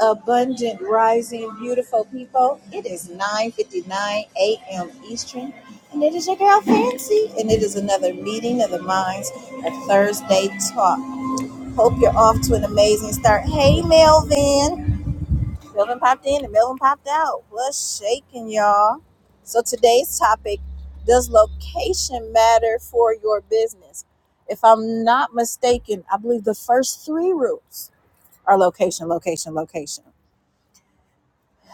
abundant rising beautiful people it is 9.59 a.m eastern and it is your girl fancy and it is another meeting of the minds of thursday talk hope you're off to an amazing start hey melvin melvin popped in and melvin popped out what's shaking y'all so today's topic does location matter for your business if i'm not mistaken i believe the first three rules are location location location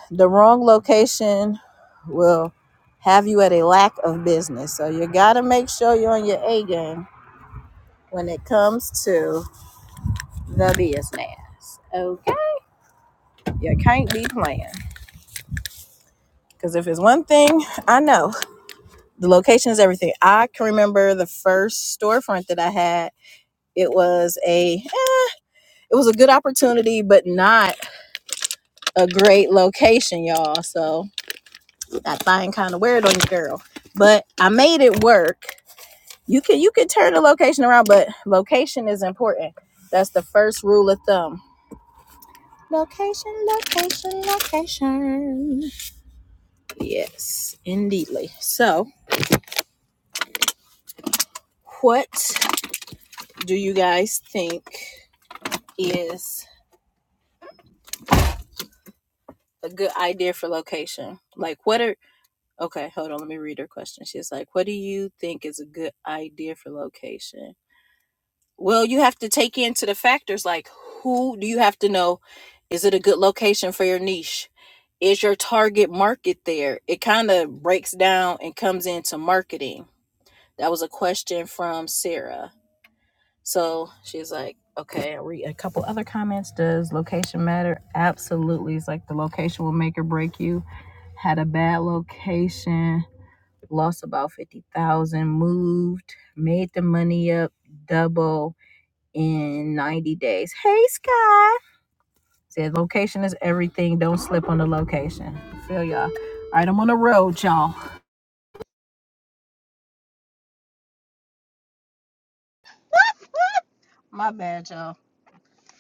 the wrong location will have you at a lack of business. So you got to make sure you're on your A game when it comes to the business. Okay? You can't be playing. Because if it's one thing I know, the location is everything. I can remember the first storefront that I had. It was a it was a good opportunity, but not a great location, y'all. So that thing kind of weird on you, girl. But I made it work You can you can turn the location around, but location is important. That's the first rule of thumb. Location, location, location. Yes, indeedly. So, what do you guys think is a good idea for location? Like, what are okay? Hold on, let me read her question. She's like, "What do you think is a good idea for location?" Well, you have to take into the factors like who do you have to know? Is it a good location for your niche? Is your target market there? It kind of breaks down and comes into marketing. That was a question from Sarah. So she's like, okay, I read a couple other comments. Does location matter? Absolutely. It's like the location will make or break you. Had a bad location, lost about 50,000, moved, made the money up double in 90 days. Hey, Sky. Said location is everything. Don't slip on the location. Feel y'all. All right, I'm on the road, y'all. My bad, y'all.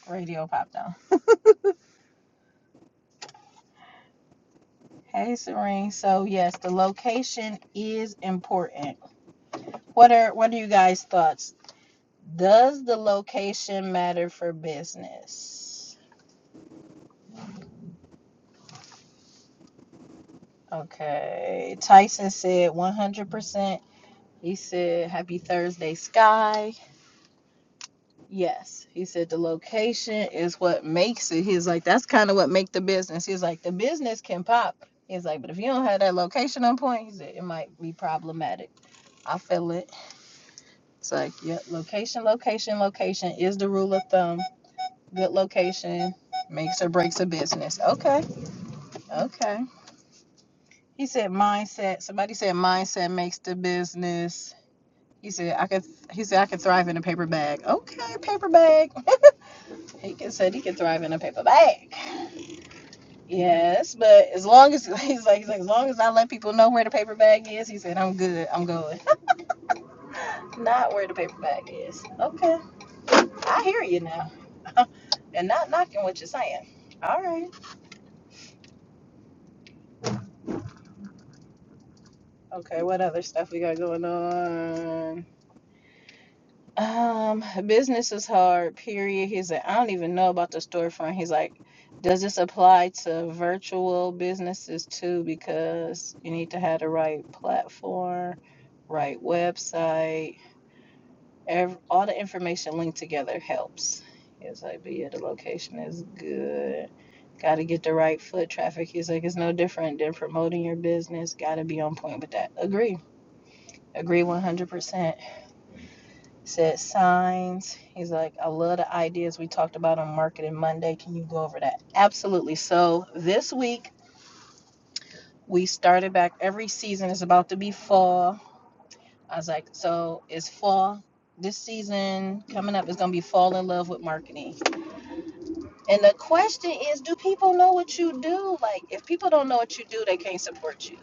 Radio popped on. Hey, Serene. So yes, the location is important. What are what are you guys' thoughts? Does the location matter for business? Okay. Tyson said 100%. He said, "Happy Thursday, Sky." Yes, he said the location is what makes it. He's like, that's kind of what make the business. He's like, the business can pop. He's like, but if you don't have that location on point, he said, it might be problematic. I feel it. It's like, yep, location, location, location is the rule of thumb. Good location makes or breaks a business. Okay, okay. He said mindset. Somebody said mindset makes the business. He said I could. He said I could thrive in a paper bag. Okay, paper bag. He can, said he can thrive in a paper bag. Yes, but as long as he's like, he's like, as long as I let people know where the paper bag is, he said, I'm good. I'm going. not where the paper bag is. Okay, I hear you now, and not knocking what you're saying. All right. Okay, what other stuff we got going on? Um, business is hard, period. He's like, I don't even know about the storefront. He's like, does this apply to virtual businesses too? Because you need to have the right platform, right website, ev all the information linked together helps. He's like, but yeah, the location is good. Got to get the right foot traffic. He's like, it's no different than promoting your business. Got to be on point with that. Agree. Agree 100%. He said signs. He's like, I love the ideas we talked about on Marketing Monday. Can you go over that? Absolutely. So this week we started back. Every season is about to be fall. I was like, so it's fall. This season coming up is gonna be fall in love with marketing. And the question is, do people know what you do? Like, if people don't know what you do, they can't support you.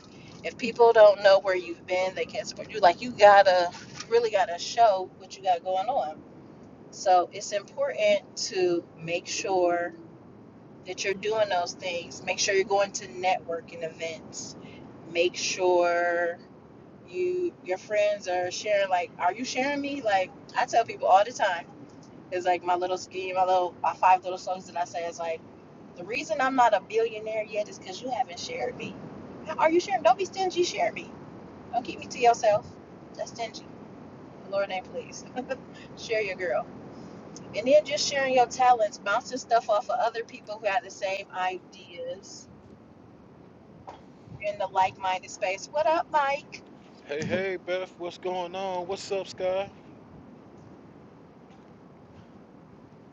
If people don't know where you've been, they can't support you. Like, you gotta really gotta show what you got going on So it's important to make sure that you're doing those things. Make sure you're going to networking events. Make sure you your friends are sharing. Like, are you sharing me? Like, I tell people all the time. It's like my little scheme, my little my five little songs that I say is like the reason I'm not a billionaire yet is because you haven't shared me. How are you sharing? Don't be stingy. Share me. Don't keep me to yourself. That's stingy. Lord name, please. Share your girl. And then just sharing your talents, bouncing stuff off of other people who have the same ideas in the like minded space. What up, Mike? Hey, hey, Beth, what's going on? What's up, Sky?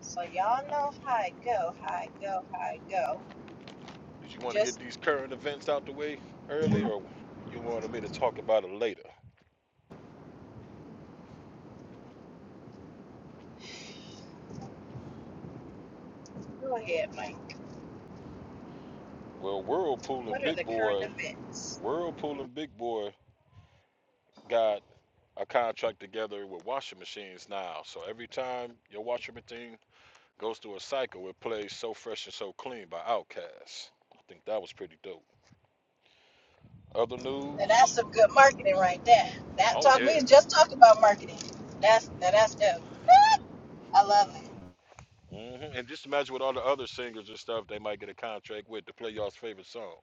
So y'all know how it go, how it go, how it go. Did you want to Just get these current events out the way early, or you wanted me to talk about it later? go ahead, Mike. Well, Whirlpool What and are Big the current Boy, events? Whirlpool and Big Boy got a contract together with washing machines now. So every time your washing machine goes through a cycle, it plays "So Fresh and So Clean" by Outkast. I think that was pretty dope. Other Now that's news? some good marketing right there. That Oh talk yeah. we just talked about marketing. That's now that's dope. I love it. hmm And just imagine with all the other singers and stuff they might get a contract with to play y'all's favorite song.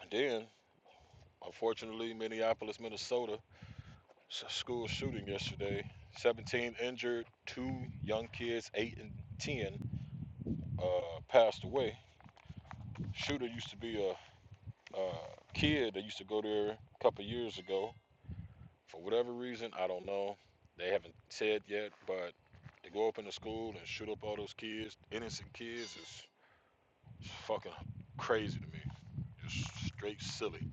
And then Unfortunately, Minneapolis, Minnesota, school shooting yesterday. 17 injured, two young kids, 8 and 10, uh, passed away. Shooter used to be a, a kid that used to go there a couple years ago. For whatever reason, I don't know. They haven't said yet, but to go up in the school and shoot up all those kids, innocent kids, is fucking crazy to me. Just straight silly.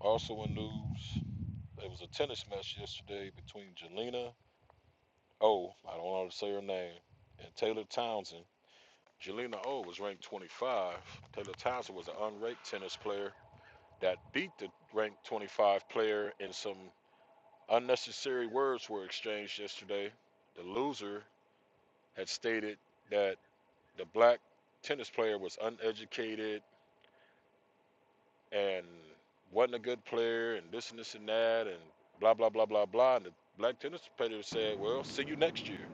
Also in news, there was a tennis match yesterday between Jelena Oh, I don't know how to say her name. And Taylor Townsend. Jelena O was ranked 25. Taylor Townsend was an unranked tennis player that beat the ranked 25 player, and some unnecessary words were exchanged yesterday. The loser had stated that the black tennis player was uneducated and wasn't a good player, and this and this and that, and blah, blah, blah, blah, blah. And the black tennis player said, Well, see you next year.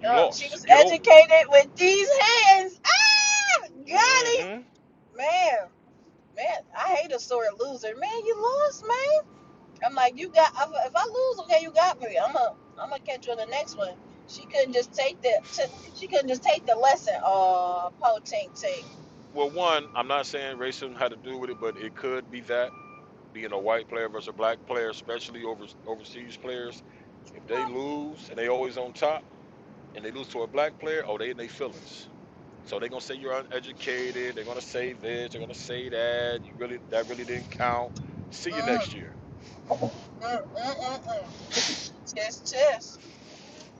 You Uh, she lost. was Get over it. educated with these hands. Ah, got him, Mm man. Man, I hate a sore loser. Man, you lost, man. I'm like, you got. If I lose, okay, you got me. I'm a. I'm gonna catch you on the next one. She couldn't hmm. just take the. she couldn't just take the lesson. Oh, po ting ting. Well, one, I'm not saying racism had to do with it, but it could be that being a white player versus a black player, especially over overseas players, if they Mm, lose and they always on top and they lose to a black player, oh, they in their feelings. So they gonna say you're uneducated. They're gonna say this. They're gonna say that. You really that really didn't count. See you mm, next year. mm, mm, mm. Tisk, tisk.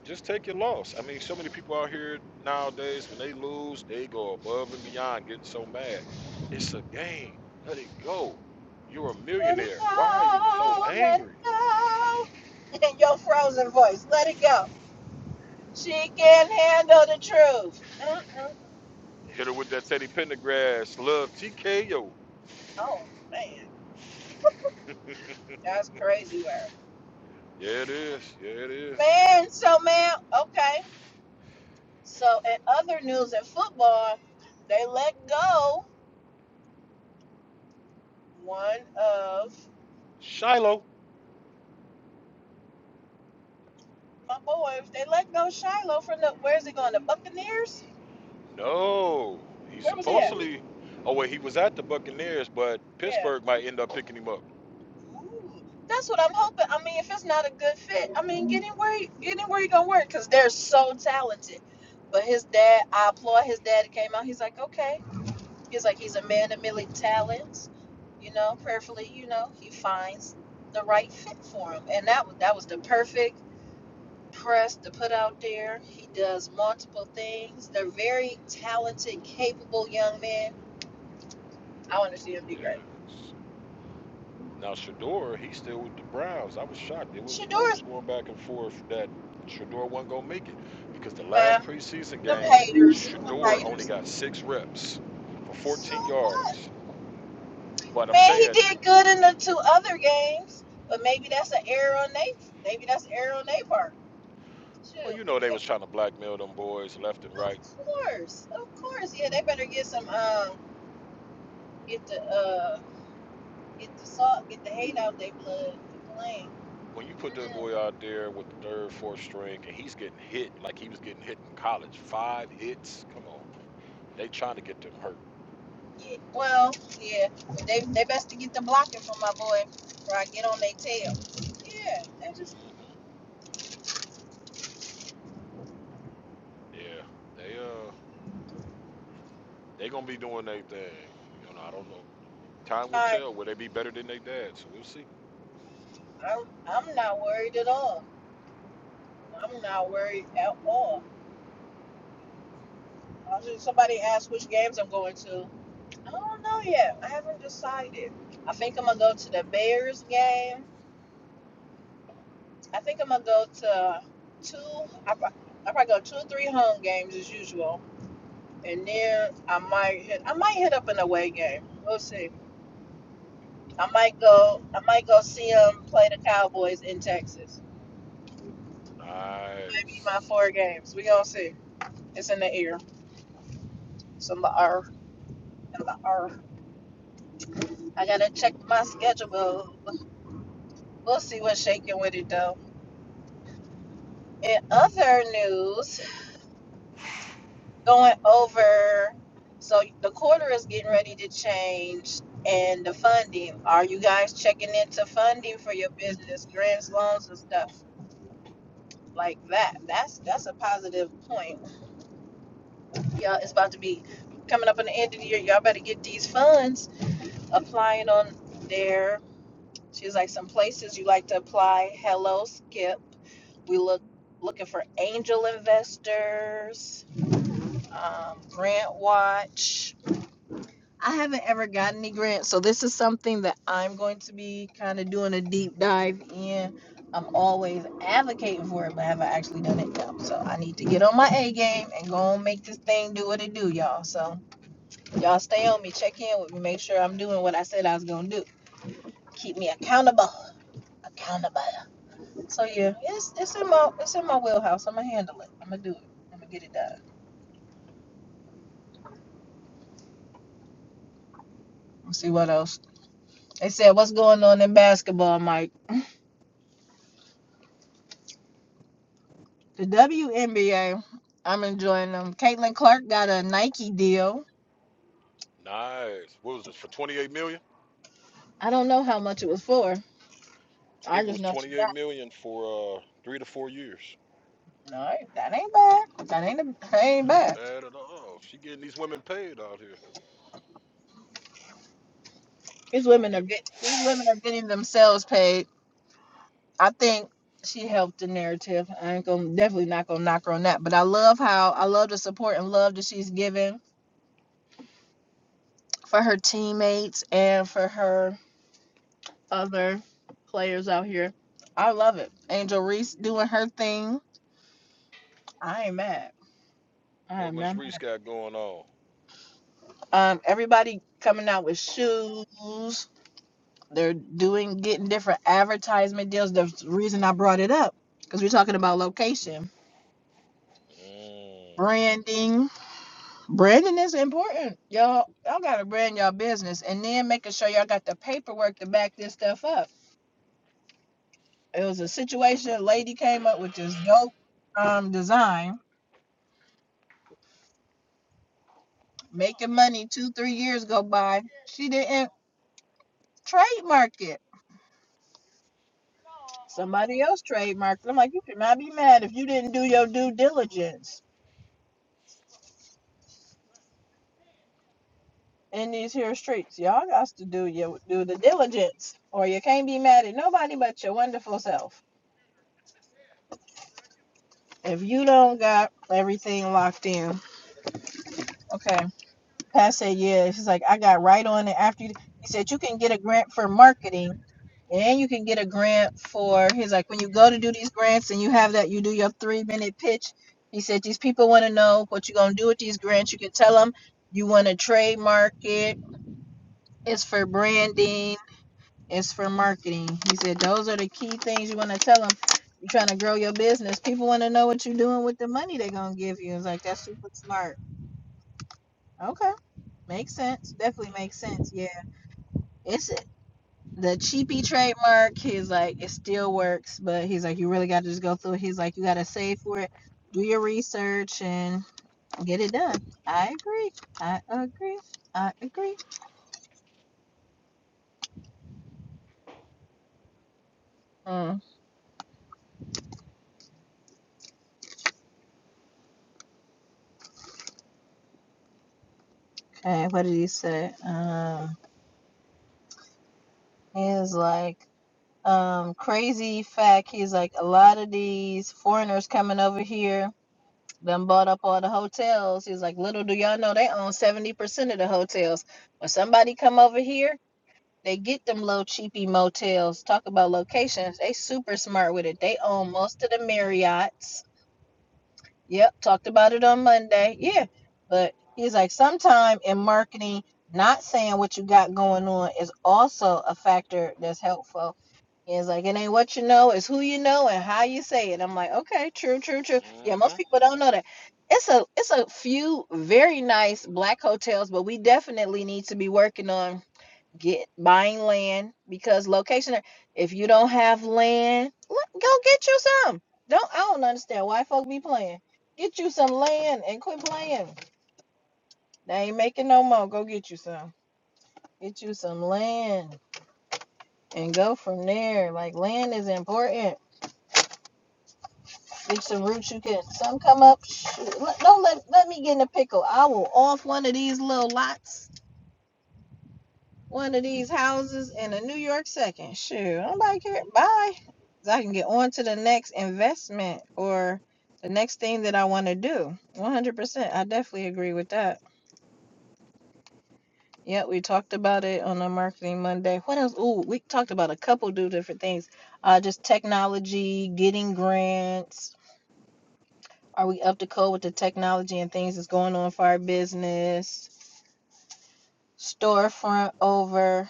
Just take your loss. I mean, so many people out here nowadays, when they lose, they go above and beyond, getting so mad. It's a game. Let it go. You're a Let it millionaire. Why are you so go, let angry? it go. In your frozen voice, let it go. She Well, can't handle the truth. Mm-mm. Hit her with that Teddy Pendergrass. Love TKO. Oh man, that's crazy, word. Yeah, it is. Yeah, it is. Man, so man, okay. So, in other news in football, they let go one of Shiloh. my boys. They let go Shiloh from the where's he going? The Buccaneers? No. He's Where was he at? supposedly. Oh, wait, he was at the Buccaneers, but Yeah. Pittsburgh might end up picking him up. Ooh, that's what I'm hoping. I mean, if it's not a good fit, I mean, get him where he, get him where he gonna work because they're so talented. But his dad, I applaud his dad. He Came out. He's like, okay. He's like, he's a man of many talents. You know, prayerfully, you know, he finds the right fit for him, and that was that was the perfect press to put out there. He does multiple things. They're very talented, capable young men. I want to see him do great. Yes. Now Shador, he's still with the Browns. I was shocked. It was Shador's rumors going back and forth that Shador wasn't gonna make it because the last man, preseason them game, haters, them Shador only haters. got six reps for So 14 what? yards. But I'm Man, he saying, did good in the two other games, but maybe that's an error on they. Maybe that's an error on their part. well, Shoot, you know they man, was trying to blackmail them boys left and of right. course, of course. Yeah, they better get some um, get the uh, get the salt, get the hate out they blood, the When you put that flame. boy out there with the third, fourth string, and he's getting hit like he was getting hit in college, five hits. Come on, they trying to get them hurt. Yeah, well, yeah, they they best to get the blocking from my boy, or I get on their tail. Yeah, that's just hmm Yeah, they uh, they gonna be doing their thing. You know, I don't know. Time will I tell. Will they be better than they dad? So we'll see. I'm I'm not worried at all. I'm not worried at all. I was just, somebody asked which games I'm going to. I don't know yet. I haven't decided. I think I'm gonna go to the Bears game. I think I'm gonna go to two. I prob- I probably go two or three home games as usual, and then I might hit I might hit up an away game. We'll see. I might go. I might go see them play the Cowboys in Texas. Maybe my Nice. four games. We gonna see. It's in the air. It's in the air. In the air. I gotta check my schedule. We'll see what's shaking with it though. In other news, going over. So the quarter is getting ready to change, and the funding. Are you guys checking into funding for your business, grants, loans, and stuff like that? That's that's a positive point Y'all, it's about to be coming up on the end of the year. Y'all better get these funds applying on there. She was like, some places you like to apply. Hello, Skip. We look looking for angel investors, um, grant watch. I haven't ever gotten any grants, so this is something that I'm going to be kind of doing a deep dive in. I'm always advocating for it, but have I actually done it? No. So I need to get on my A game and go and make this thing do what it do, y'all. So Y'all stay on me, check in with me, make sure I'm doing what I said I was gonna do. Keep me accountable. Accountable. So yeah, it's it's in my it's in my wheelhouse. I'ma handle it. I'ma do it. I'ma get it done. Let's see what else. They said what's going on in basketball, Mike. The WNBA, I'm enjoying them. Caitlin Clark got a Nike deal. Nice. What was this? For 28 million? I don't know how much it was for. I I think it just was know she 28 got. million for uh three to four years. it. No, that ain't bad. That ain't that ain't That ain't bad. bad at all. She getting these women paid out here. These Starting women to are get get these women are getting themselves paid I think she helped the narrative. I ain't gonna definitely not gonna knock her on that. But I love how I love the support and love that she's given for her teammates and for her other players out here. I love it. Angel Reese doing her thing. I ain't mad. I what am Miss not mad. Reese got going on. Um, everybody coming out with shoes. They're doing getting different advertisement deals. The reason I brought it up because we're talking about location, Mm. branding Branding is important. Y'all y'all gotta brand your business and then making sure y'all got the paperwork to back this stuff up. It was a situation, a lady came up with this dope um design, making money two, three years go by. She didn't trademark it. Somebody else trademarked it. I'm like, you should not be mad if you didn't do your due diligence in these here streets. Y'all got to do your do the diligence. Or you can't be mad at nobody but your wonderful self. If you don't got everything locked in. Okay. Pat said, yeah. She's like, I got right on it after you. He said, you can get a grant for marketing and you can get a grant for, he's like, when you go to do these grants and you have that, you do your three minute pitch. He said, these people want to know what you're going to do with these grants. You can tell them you want to trademark it. It's for branding. It's for marketing. He said, those are the key things you want to tell them. You're trying to grow your business. People want to know what you're doing with the money they're going to give you. It's like, that's super smart. Okay. Makes sense. Definitely makes sense. Yeah. It's the cheapy trademark. He's like, it still works, but he's like, you really got to just go through it. He's like, you got to save for it, do your research, and get it done. I agree. I agree. I agree. Mm. Okay, what did he say? Um, he's like, um, crazy fact. He's like, a lot of these foreigners coming over here. Them bought up all the hotels. He's like, little do y'all know they own seventy percent of the hotels. When somebody come over here, They get them little cheapy motels. Talk about locations. They super smart with it. They own most of the Marriotts. Yep, talked about it on Monday. Yeah. But he's like, sometime in marketing, not saying what you got going on is also a factor that's helpful. He's like, it ain't what you know, it's who you know and how you say it. I'm like, okay, true, true, true. Yeah, most Mm-hmm. people don't know that. It's a it's a few very nice black hotels, but we definitely need to be working on get buying land because location if you don't have land go get you some don't i don't understand why folk be playing get you some land and quit playing they ain't making no more go get you some get you some land and go from there like land is important get some roots you can some come up shoot, don't let let me get in a pickle i will off one of these little lots one of these houses in a New York second. Shoot, nobody care. Bye, Bye. 'Cause I can get on to the next investment or the next thing that I want to do. 100%. I definitely agree with that. Yeah, we talked about it on a Marketing Monday. What else? Ooh, we talked about a couple do different things. Uh, just technology, getting grants. Are we up to code with the technology and things that's going on for our business? Storefront over.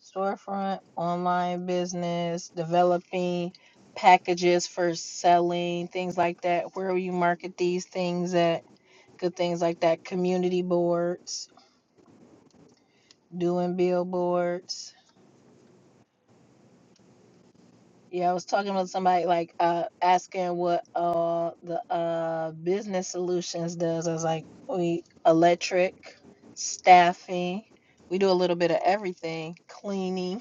storefront, online business, developing packages for selling, things like that. Where will you market these things at? Good things like that. Community boards, doing billboards. Yeah, I was talking with somebody like uh asking what uh the uh business solutions does. I was like, we electric, staffing, we do a little bit of everything, cleaning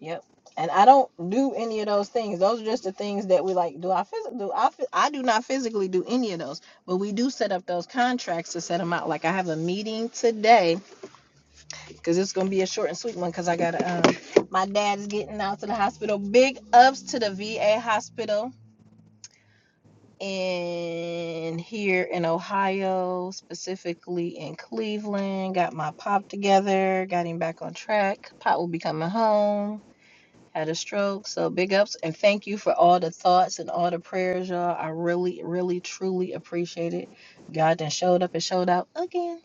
Yep. And I don't do any of those things. Those are just the things that we like. Do I physically do I? phys- I do not physically do any of those, but we do set up those contracts to set them out. Like I have a meeting today because it's gonna be a short and sweet one because I got to um my dad's getting out to the hospital. Big ups to the VA hospital in here in Ohio, specifically in Cleveland. Got my pop together, got him back on track. Pop will be coming home had a stroke. So big ups and thank you for all the thoughts and all the prayers, y'all. I really, really, truly appreciate it. God then showed up and showed out again.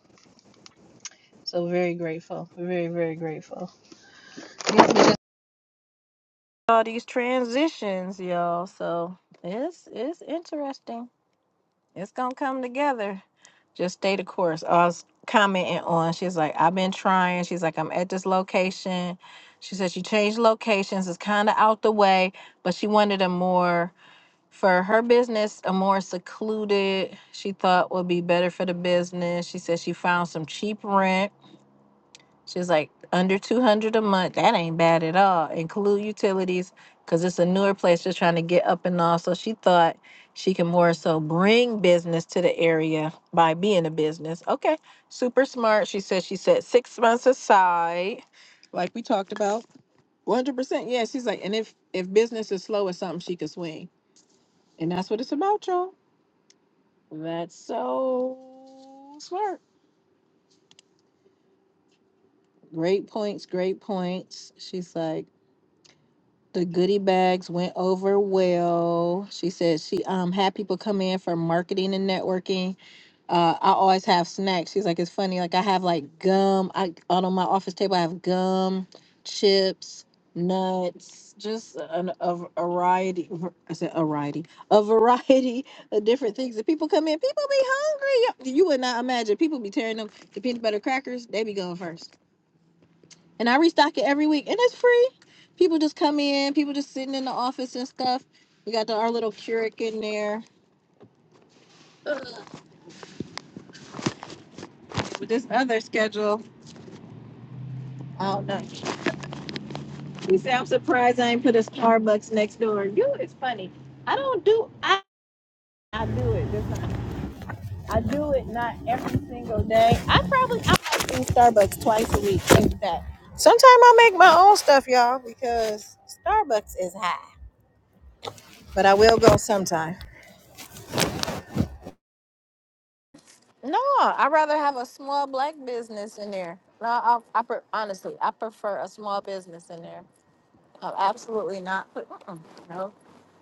So very grateful. Very, very grateful. Yes, we just- all these transitions, y'all. So it's it's interesting. It's gonna come together. Just stay the course. I was commenting on. She's like, I've been trying. She's like, I'm at this location. She said she changed locations. It's kind of out the way, but she wanted a more for her business a more secluded she thought would be better for the business she said she found some cheap rent she's like under 200 a month that ain't bad at all include utilities because it's a newer place just trying to get up and all so she thought she can more so bring business to the area by being a business okay super smart she said she set six months aside like we talked about 100% yeah she's like and if if business is slow it's something she could swing and that's what it's about y'all that's so smart. Great points, great points. She's like, the goodie bags went over well. She said she um had people come in for marketing and networking. uh, I always have snacks. She's like, it's funny. Like I have like gum. I on my office table, I have gum, chips, nuts, just an, a variety. I said a variety, a variety of different things. That people come in, people be hungry. You would not imagine. People be tearing them the peanut butter crackers. They be going first, and I restock it every week, and it's free. People just come in. People just sitting in the office and stuff. We got the, our little Keurig in there. Ugh, with This other schedule, I don't know. He said, I'm surprised I ain't put a Starbucks next door. You it's funny. I don't do I I do it. Just not, I do it not every single day. I probably I might do Starbucks twice a week, if that. Sometimes I make my own stuff, y'all, because Starbucks is high. But I will go sometime. No, i rather have a small black business in there. No, I, I pre- honestly, I prefer a small business in there. Oh, absolutely not. But, Mm-mm. No,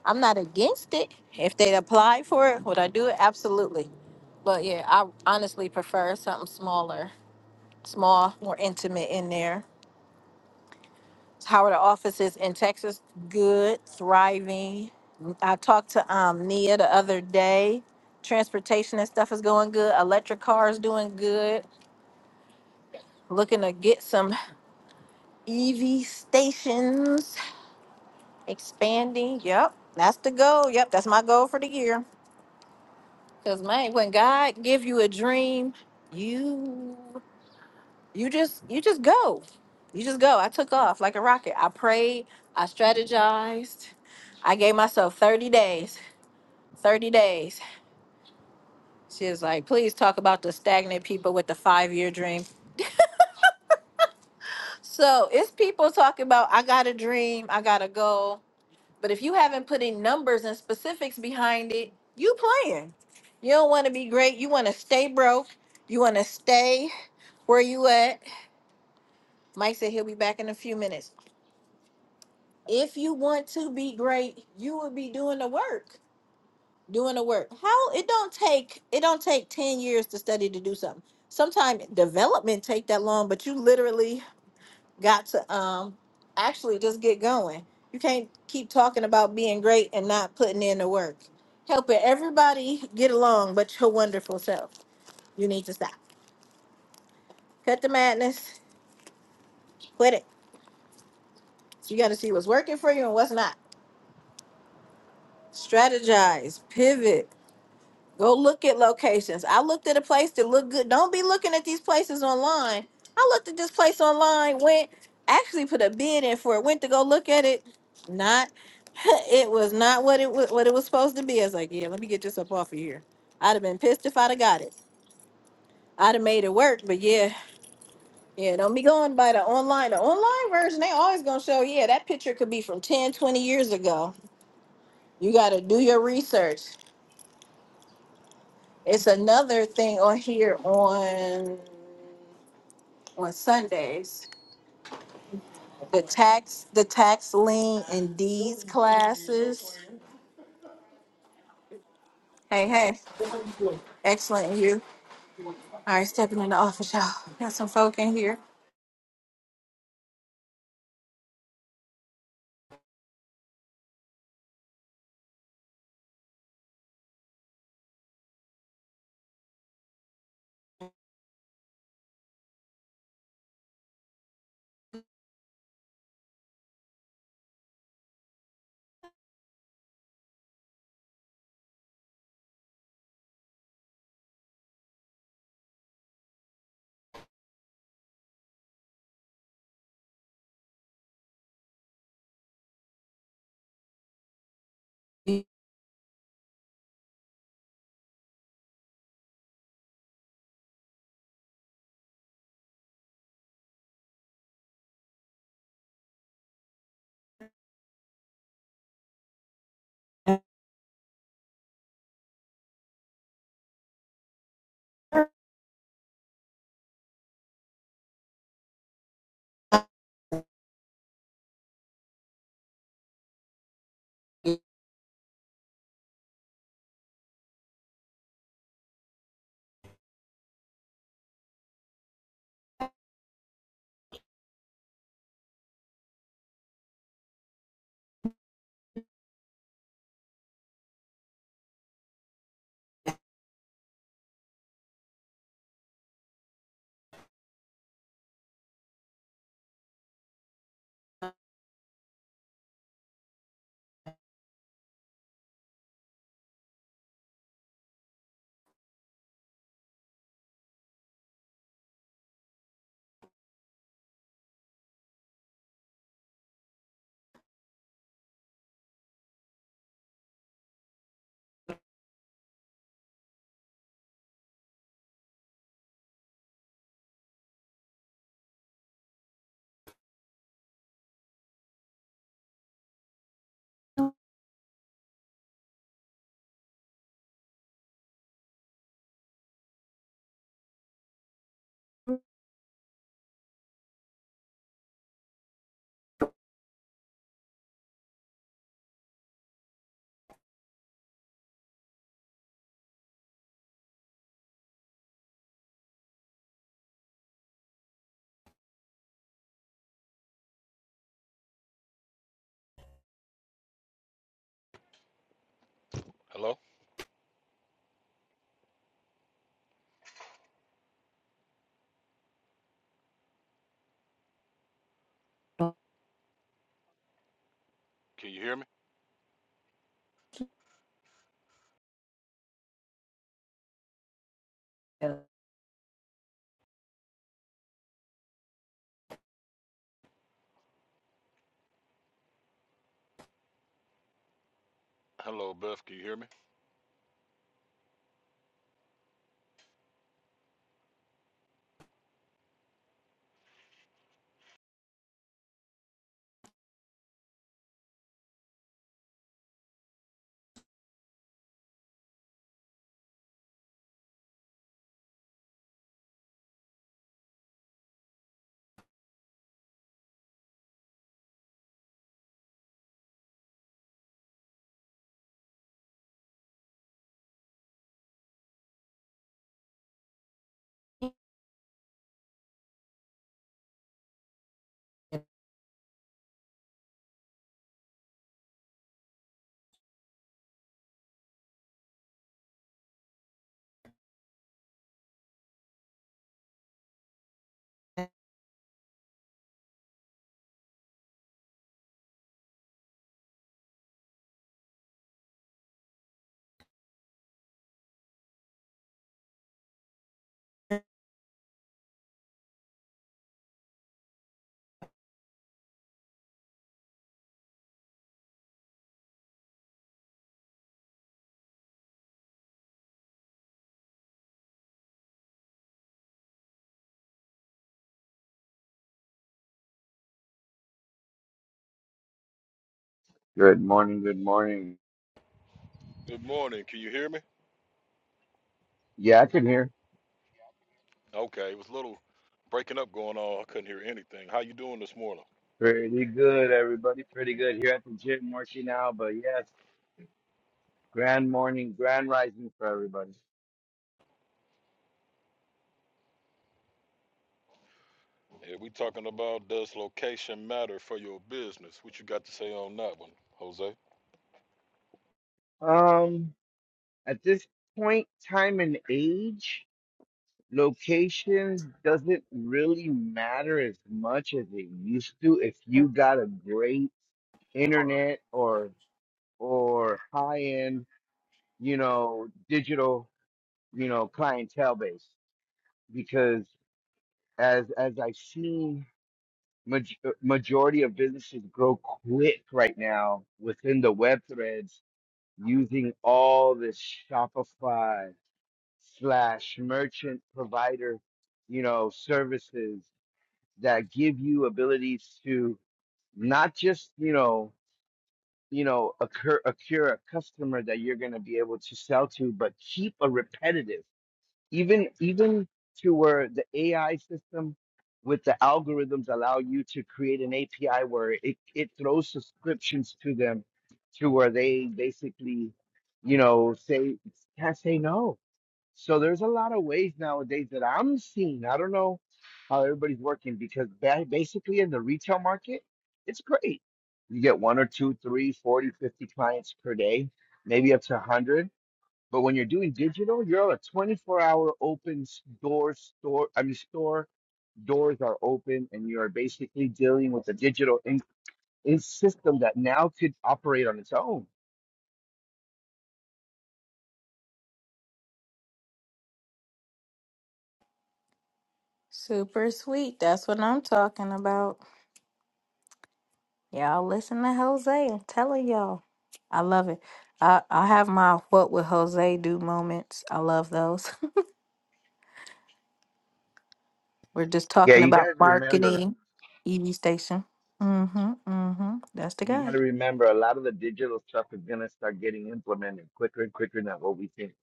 I'm not against it. If they apply for it, would I do it? Absolutely. But yeah, I honestly prefer something smaller, small, more intimate in there. How are the offices in Texas? Good, thriving. I talked to um, Nia the other day. Transportation and stuff is going good. Electric cars doing good. Looking to get some EV stations expanding. Yep, that's the goal. Yep, that's my goal for the year. Cause man, when God give you a dream, you you just you just go. You just go. I took off like a rocket. I prayed, I strategized. I gave myself 30 days. 30 days. She was like, please talk about the stagnant people with the five year dream. So it's people talking about I got a dream, I got a goal. But if you haven't put in numbers and specifics behind it, you playing. You don't want to be great. You want to stay broke. You want to stay where you at Mike said he'll be back in a few minutes. If you want to be great, you will be doing the work. Doing the work. How it don't take it don't take 10 years to study to do something. Sometimes development take that long, but you literally got to um actually just get going. You can't keep talking about being great and not putting in the work. Helping everybody get along but your wonderful self. You need to stop. Cut the madness. Quit it. So you gotta see what's working for you and what's not strategize, pivot. Go look at locations. I looked at a place that looked good. Don't be looking at these places online. I looked at this place online, went actually put a bid in for it, went to go look at it. Not it was not what it was what it was supposed to be. I was like, yeah, let me get this up off of here. I'd have been pissed if I'd have got it. I'd have made it work, but yeah, yeah, don't be going by the online. The online version, they always gonna show, yeah, that picture could be from 10, 20 years ago. You gotta do your research. It's another thing on here on on Sundays. The tax, the tax lien and deeds classes. Hey, hey, excellent. and You all right? Stepping in the office, y'all. Got some folk in here. Hello? Can you hear me? Hello, Beth. Can you hear me? Good morning, good morning. Good morning. Can you hear me? Yeah, I can hear. Okay, it was a little breaking up going on. I couldn't hear anything. How you doing this morning? Pretty good, everybody. Pretty good here at the gym working out, but yes, grand morning, grand rising for everybody. Yeah, we talking about does location matter for your business? What you got to say on that one, Jose? Um, at this point, time and age, location doesn't really matter as much as it used to if you got a great internet or or high end, you know, digital, you know, clientele base because as as I've seen Maj- majority of businesses grow quick right now within the web threads using all this Shopify slash merchant provider, you know, services that give you abilities to not just you know you know occur occur a customer that you're going to be able to sell to but keep a repetitive even even to where the AI system with the algorithms allow you to create an API where it, it throws subscriptions to them to where they basically, you know, say can't say no. So there's a lot of ways nowadays that I'm seeing. I don't know how everybody's working because ba- basically in the retail market, it's great. You get one or two, three, forty, fifty clients per day, maybe up to 100 but when you're doing digital, you're a 24 hour open s- door store. I mean, store doors are open, and you're basically dealing with a digital in, in system that now could operate on its own. Super sweet. That's what I'm talking about. Y'all listen to Jose. I'm telling y'all, I love it. I I have my what would Jose do moments. I love those. We're just Yeah, talking you got about to remember, marketing, EV station. Mm-hmm. Mm-hmm. That's the you got guy. to remember a lot of the digital stuff is going to start getting implemented quicker and quicker than what we think.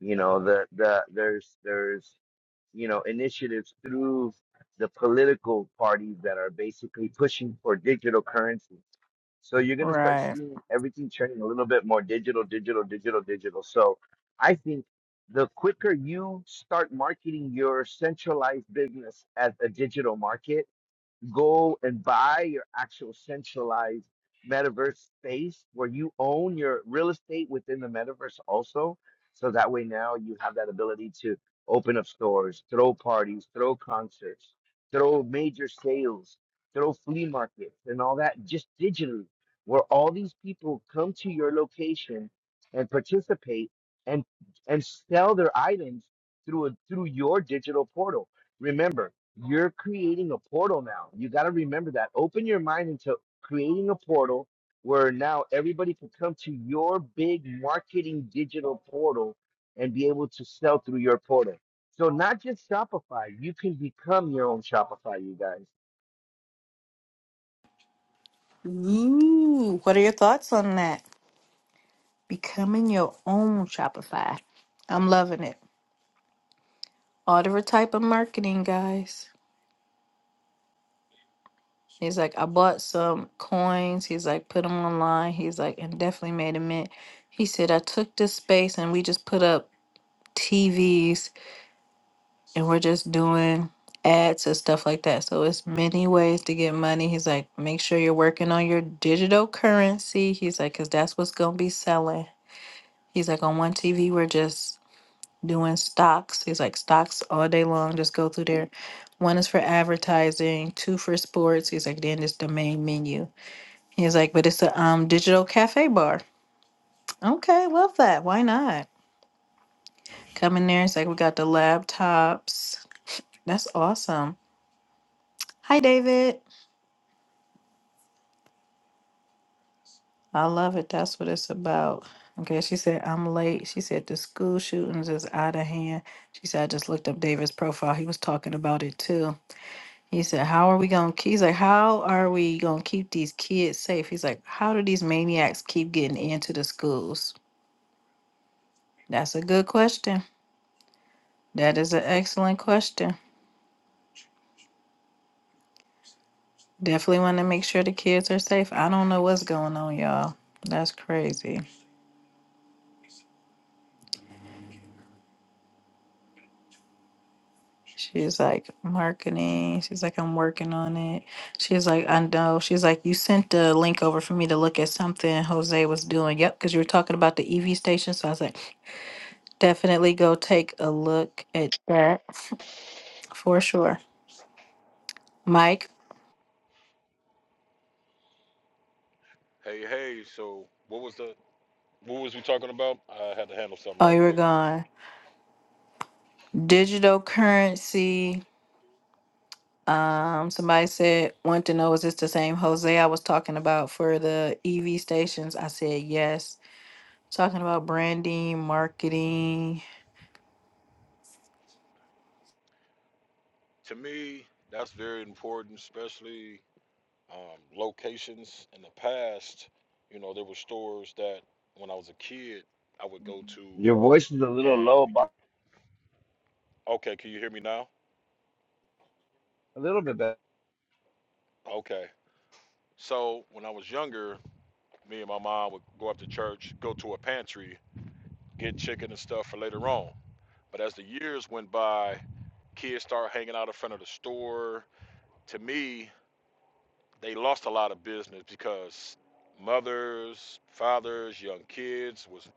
You know, the, the, there's, there's, you know, initiatives through the political parties that are basically pushing for digital currency So you're going to start Right. seeing everything turning a little bit more digital, digital, digital, digital. So I think the quicker you start marketing your centralized business as a digital market, go and buy your actual centralized metaverse space where you own your real estate within the metaverse also. So that way now you have that ability to open up stores, throw parties, throw concerts, throw major sales, throw flea markets and all that just digitally, where all these people come to your location and participate and and sell their items through a, through your digital portal. Remember, you're creating a portal now. You got to remember that. Open your mind into creating a portal where now everybody can come to your big marketing digital portal and be able to sell through your portal. So not just Shopify, you can become your own Shopify, you guys. Ooh, what are your thoughts on that? Becoming your own Shopify. I'm loving it. All type of marketing, guys. He's like, I bought some coins. He's like, put them online. He's like, and definitely made a mint. He said, I took this space and we just put up TVs and we're just doing ads and stuff like that. So it's many ways to get money. He's like, make sure you're working on your digital currency. He's like, because that's what's going to be selling. He's like, on one TV, we're just doing stocks. He's like stocks all day long. Just go through there. One is for advertising, two for sports. He's like, then it's the main menu. He's like, but it's a um digital cafe bar. Okay, love that. Why not? Come in there. It's like we got the laptops. That's awesome. Hi, David. I love it. That's what it's about. Okay, she said I'm late. She said the school shootings is out of hand. She said I just looked up David's profile. He was talking about it too. He said, How are we gonna keep he's like, How are we gonna keep these kids safe? He's like, How do these maniacs keep getting into the schools? That's a good question. That is an excellent question. Definitely want to make sure the kids are safe. I don't know what's going on, y'all. That's crazy. She's like marketing. She's like, I'm working on it. She's like, I know. She's like, you sent the link over for me to look at something Jose was doing. Yep, because you were talking about the EV station. So I was like, definitely go take a look at that. For sure. Mike, Hey, hey. So what was the what was we talking about? I had to handle something oh, right you were quick. gone. Digital currency. Um, somebody said, want to know, is this the same Jose I was talking about for the EV stations? I said, yes. Talking about branding, marketing. To me, that's very important, especially um, locations. In the past, you know, there were stores that when I was a kid I would go to, Your voice is a little and low, you. but Okay, can you hear me now? a little bit better. Okay. So when I was younger, me and my mom would go up to church, go to a pantry, get chicken and stuff for later on. But as the years went by, kids started hanging out in front of the store. To me, they lost a lot of business because mothers, fathers, young kids was,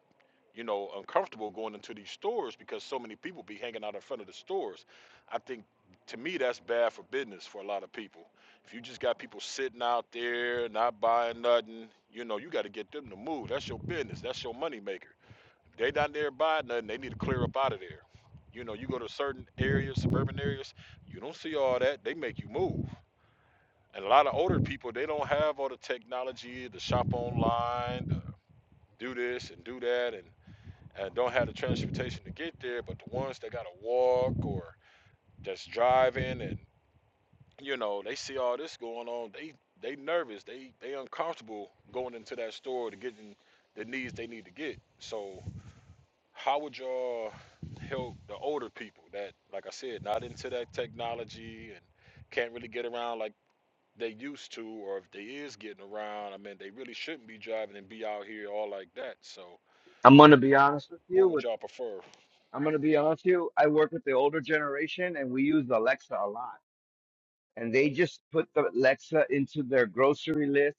you know, uncomfortable going into these stores because so many people be hanging out in front of the stores. I think to me that's bad for business for a lot of people. If you just got people sitting out there not buying nothing, you know, you got to get them to move. That's your business. That's your moneymaker. They not there buying nothing. They need to clear up out of there. You know, you go to certain areas, suburban areas, you don't see all that. They make you move. And a lot of older people, they don't have all the technology, the shop online, the do this and do that, and, and don't have the transportation to get there. But the ones that got to walk or just driving, and you know, they see all this going on. They they nervous. They they uncomfortable going into that store to getting the needs they need to get. So How would y'all help the older people that, like I said, not into that technology and can't really get around like they used to, or if they is getting around, I mean, they really shouldn't be driving and be out here all like that. So, I'm gonna be honest with you. what would With y'all prefer? I'm gonna be honest with you. I work with the older generation, and we use Alexa a lot. And they just put the Alexa into their grocery list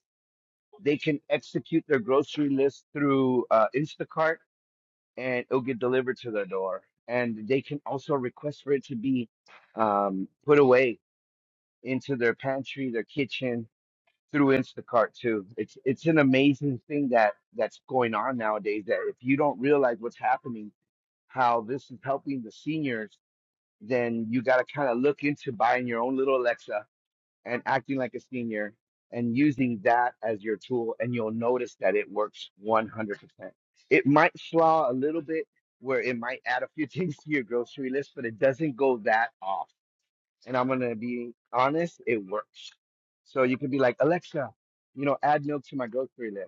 They can execute their grocery list through uh, Instacart and it'll get delivered to their door. And they can also request for it to be um, put away into their pantry, their kitchen through Instacart too. It's it's an amazing thing that that's going on nowadays that if you don't realize what's happening, how this is helping the seniors, then you got to kind of look into buying your own little Alexa and acting like a senior and using that as your tool and you'll notice that it works 100% it might flaw a little bit where it might add a few things to your grocery list but it doesn't go that off and i'm gonna be honest it works so you could be like alexa you know add milk to my grocery list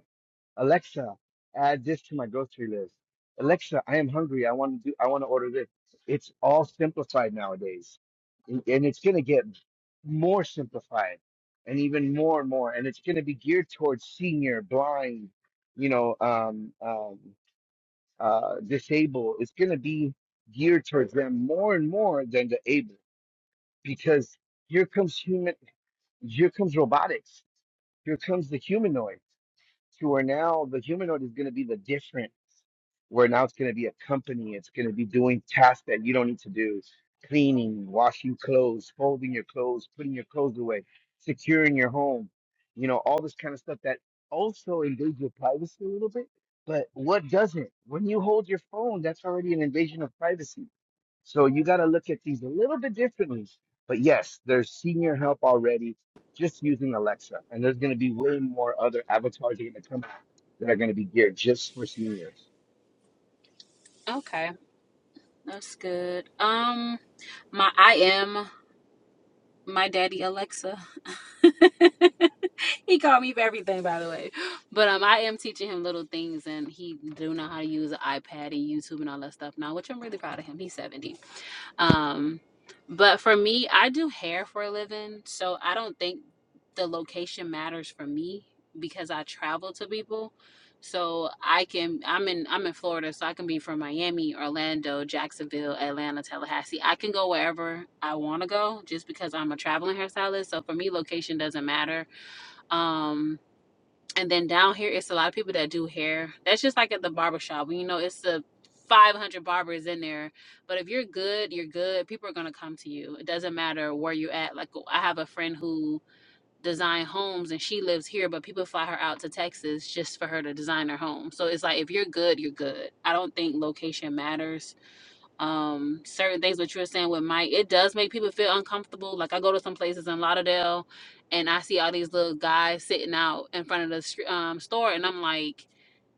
Alexa, add this to my grocery list. Alexa, I am hungry. I want to do, I want to order this. It's all simplified nowadays. And, and it's going to get more simplified and even more and more. And it's going to be geared towards senior, blind, you know, um, um, uh, disabled. It's going to be geared towards them more and more than the able because here comes human, here comes robotics. Here comes the humanoid to where now the humanoid is going to be the difference where now it's going to be a company it's going to be doing tasks that you don't need to do cleaning washing clothes folding your clothes putting your clothes away securing your home you know all this kind of stuff that also invades your privacy a little bit but what doesn't when you hold your phone that's already an invasion of privacy so you got to look at these a little bit differently. But yes, there's senior help already just using Alexa. And there's going to be way more other avatars that are going to come out that are going to be geared just for seniors. Okay, that's good. Um, my I am my daddy Alexa. he called me for everything, by the way. But um, I am teaching him little things, and he do know how to use an iPad and YouTube and all that stuff now, which I'm really proud of him. He's 70. Um, but for me, I do hair for a living, so I don't think the location matters for me because I travel to people. So I can I'm in I'm in Florida, so I can be from Miami, Orlando, Jacksonville, Atlanta, Tallahassee. I can go wherever I want to go just because I'm a traveling hairstylist. So for me, location doesn't matter. Um and then down here, it's a lot of people that do hair. That's just like at the barber shop. You know, it's the 500 barbers in there. But if you're good, you're good. People are going to come to you. It doesn't matter where you're at. Like, I have a friend who design homes and she lives here, but people fly her out to Texas just for her to design her home. So it's like, if you're good, you're good. I don't think location matters um certain things what you're saying with Mike, it does make people feel uncomfortable. Like I go to some places in Lauderdale and I see all these little guys sitting out in front of the str- um, store and I'm like,